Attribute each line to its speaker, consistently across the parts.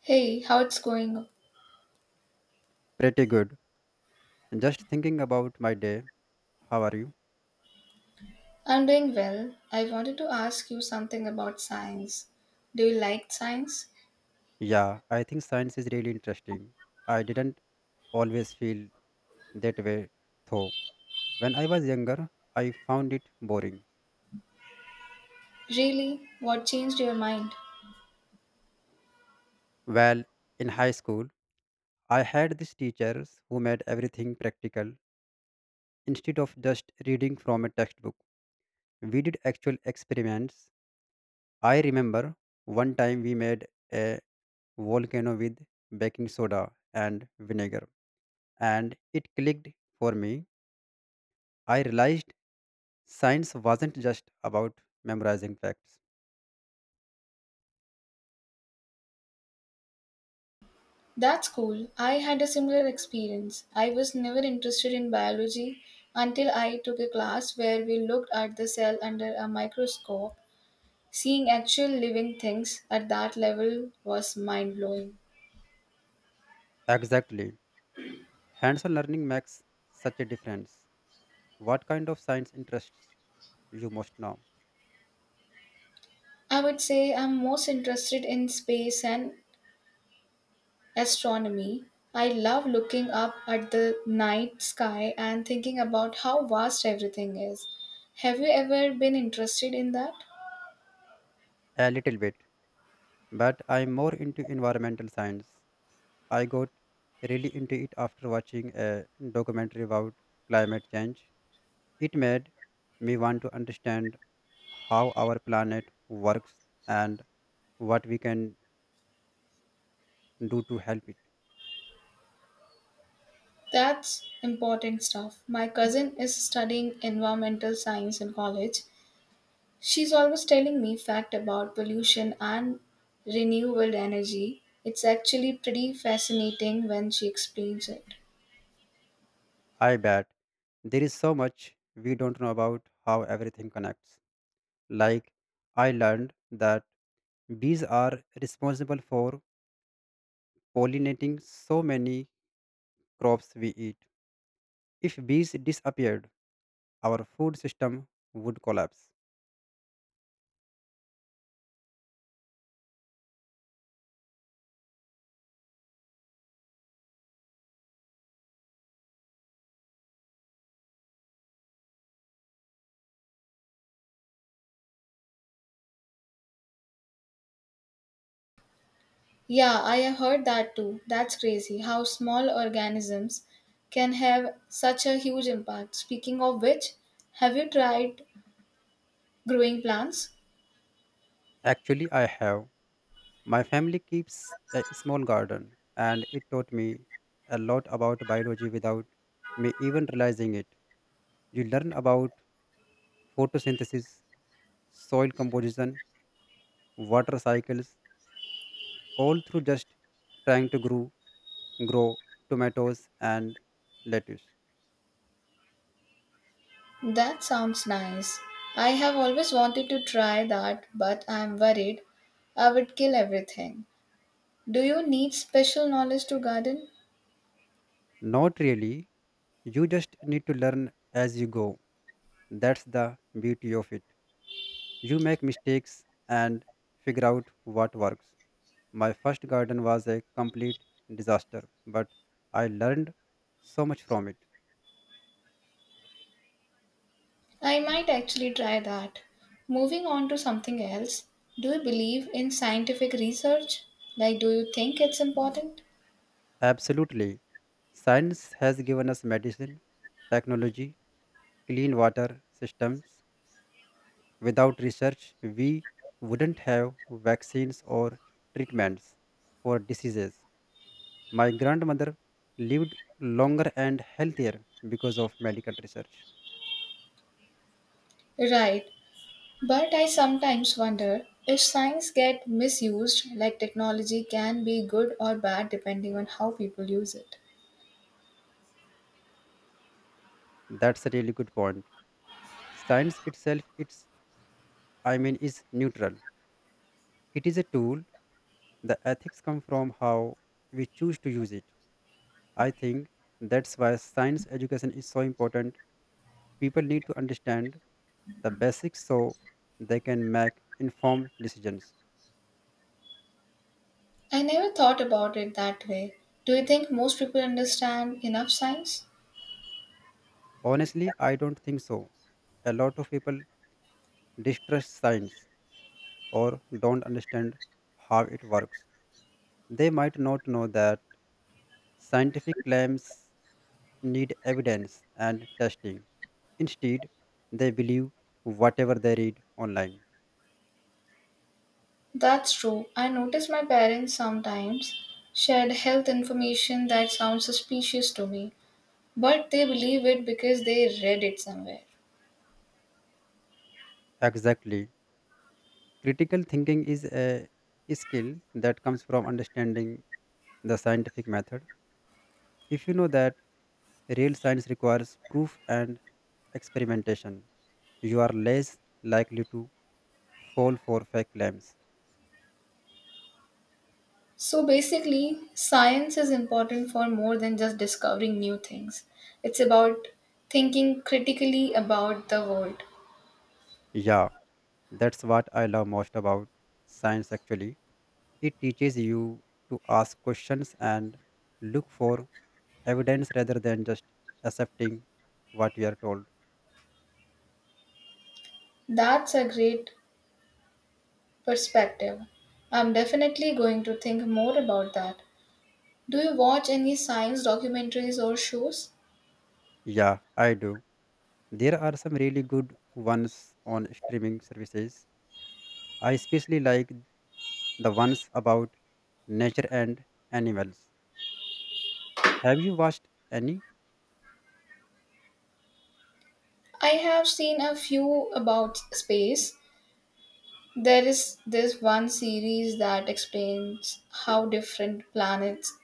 Speaker 1: Hey, how it's going?
Speaker 2: Pretty good. Just thinking about my day. How are you?
Speaker 1: I'm doing well. I wanted to ask you something about science. Do you like science?
Speaker 2: Yeah, I think science is really interesting. I didn't always feel that way, though. When I was younger, I found it boring.
Speaker 1: Really? What changed your mind?
Speaker 2: Well, in high school, I had these teachers who made everything practical instead of just reading from a textbook. We did actual experiments. I remember one time we made a volcano with baking soda and vinegar, and it clicked for me. I realized science wasn't just about memorizing facts.
Speaker 1: That's cool. I had a similar experience. I was never interested in biology until I took a class where we looked at the cell under a microscope. Seeing actual living things at that level was mind blowing.
Speaker 2: Exactly. Hands on learning makes such a difference. What kind of science interests you most now?
Speaker 1: I would say I'm most interested in space and astronomy. I love looking up at the night sky and thinking about how vast everything is. Have you ever been interested in that?
Speaker 2: A little bit, but I'm more into environmental science. I got really into it after watching a documentary about climate change. It made me want to understand how our planet works and what we can do to help it.
Speaker 1: That's important stuff. My cousin is studying environmental science in college. She's always telling me fact about pollution and renewable energy. It's actually pretty fascinating when she explains it.
Speaker 2: I bet there is so much we don't know about how everything connects. Like, I learned that bees are responsible for pollinating so many crops we eat. If bees disappeared, our food system would collapse.
Speaker 1: Yeah, I have heard that too. That's crazy how small organisms can have such a huge impact. Speaking of which, have you tried growing plants?
Speaker 2: Actually, I have. My family keeps a small garden, and it taught me a lot about biology without me even realizing it. You learn about photosynthesis, soil composition, water cycles, all through just trying to grow tomatoes and lettuce.
Speaker 1: That sounds nice. I have always wanted to try that, but I am worried I would kill everything. Do you need special knowledge to garden?
Speaker 2: Not really. You just need to learn as you go. That's the beauty of it. You make mistakes and figure out what works. My first garden was a complete disaster, but I learned so much from it.
Speaker 1: I might actually try that. Moving on to something else, do you believe in scientific research? Like, do you think it's important?
Speaker 2: Absolutely. Science has given us medicine, technology, clean water systems. Without research, we wouldn't have vaccines or treatments for diseases. My grandmother lived longer and healthier because of medical research.
Speaker 1: Right. But I sometimes wonder if science get misused like technology can be good or bad depending on how people use it.
Speaker 2: That's a really good point. Science itself, it's I mean, is neutral. It is a tool. The ethics come from how we choose to use it. I think that's why science education is so important. People need to understand the basics so they can make informed decisions.
Speaker 1: I never thought about it that way. Do you think most people understand enough science?
Speaker 2: Honestly, I don't think so. A lot of people distrust science or don't understand how it works. They might not know that scientific claims need evidence and testing. Instead, they believe whatever they read online.
Speaker 1: That's true. I notice my parents sometimes shared health information that sounds suspicious to me, but they believe it because they read it somewhere.
Speaker 2: Exactly. Critical thinking is a skill that comes from understanding the scientific method. If you know that real science requires proof and experimentation, you are less likely to fall for fake claims.
Speaker 1: So basically, science is important for more than just discovering new things. It's about thinking critically about the world.
Speaker 2: Yeah, that's what I love most about science actually. It teaches you to ask questions and look for evidence rather than just accepting what you are told.
Speaker 1: That's a great perspective. I'm definitely going to think more about that. Do you watch any science documentaries or shows?
Speaker 2: Yeah, I do. There are some really good ones on streaming services. I especially like the ones about nature and animals. Have you watched any?
Speaker 1: I have seen a few about space. There is this one series that explains how different planets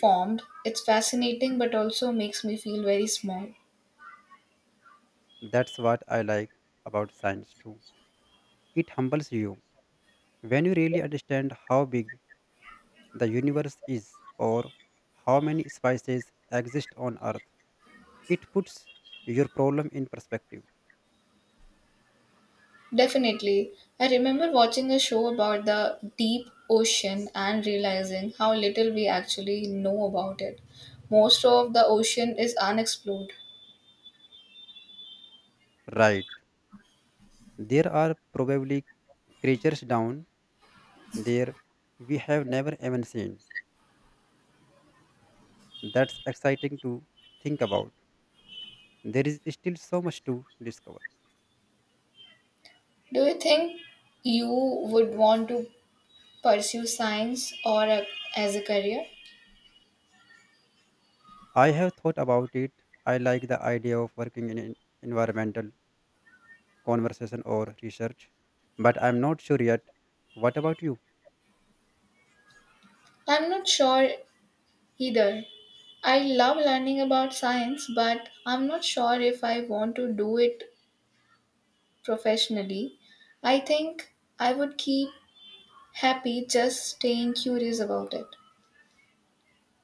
Speaker 1: formed. It's fascinating but also makes me feel very small.
Speaker 2: That's what I like about science too. It humbles you when you really understand how big the universe is or how many species exist on earth. It puts your problem in perspective.
Speaker 1: Definitely. I remember watching a show about the deep ocean and realizing how little we actually know about it. Most of the ocean is unexplored.
Speaker 2: Right. There are probably creatures down there we have never even seen. That's exciting to think about. There is still so much to discover.
Speaker 1: Do you think you would want to pursue science as a career?
Speaker 2: I have thought about it. I like the idea of working in environmental conversation or research, but I'm not sure yet. What about you?
Speaker 1: I'm not sure either. I love learning about science, but I'm not sure if I want to do it professionally. I think I would keep happy just staying curious about it.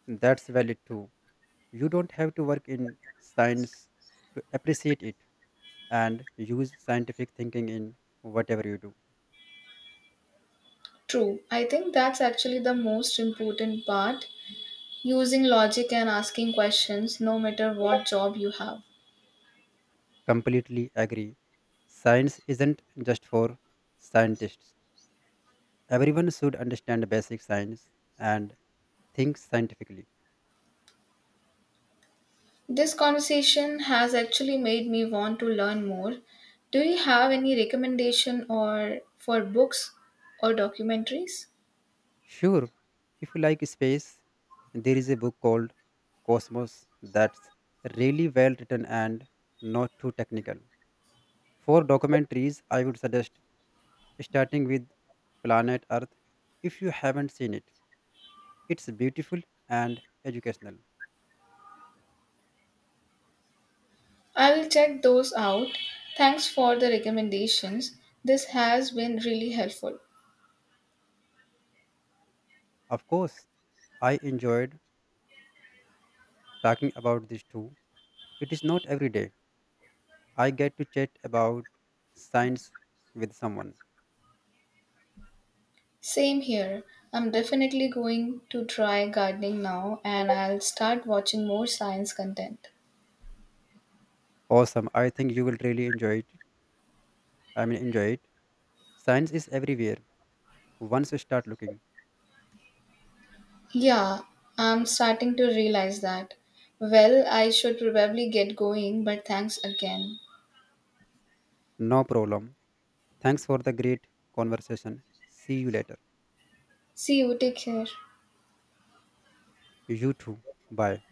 Speaker 2: That's valid too. You don't have to work in science to appreciate it and use scientific thinking in whatever you do.
Speaker 1: True. I think that's actually the most important part using logic and asking questions no matter what job you have.
Speaker 2: Completely agree. Science isn't just for scientists. Everyone should understand basic science and think scientifically.
Speaker 1: This conversation has actually made me want to learn more. Do you have any recommendation or for books or documentaries?
Speaker 2: Sure, if you like space, there is a book called Cosmos that's really well written and not too technical. For documentaries, I would suggest starting with Planet Earth if you haven't seen it. It's beautiful and educational.
Speaker 1: I will check those out. Thanks for the recommendations. This has been really helpful.
Speaker 2: Of course, I enjoyed talking about this too. It is not every day I get to chat about science with someone.
Speaker 1: Same here. I'm definitely going to try gardening now and I'll start watching more science content.
Speaker 2: Awesome. I think you will really enjoy it. Enjoy it. Science is everywhere once you start looking.
Speaker 1: Yeah, I'm starting to realize that. Well, I should probably get going, but thanks again.
Speaker 2: No problem. Thanks for the great conversation. See you later.
Speaker 1: See you, take care.
Speaker 2: You too. Bye.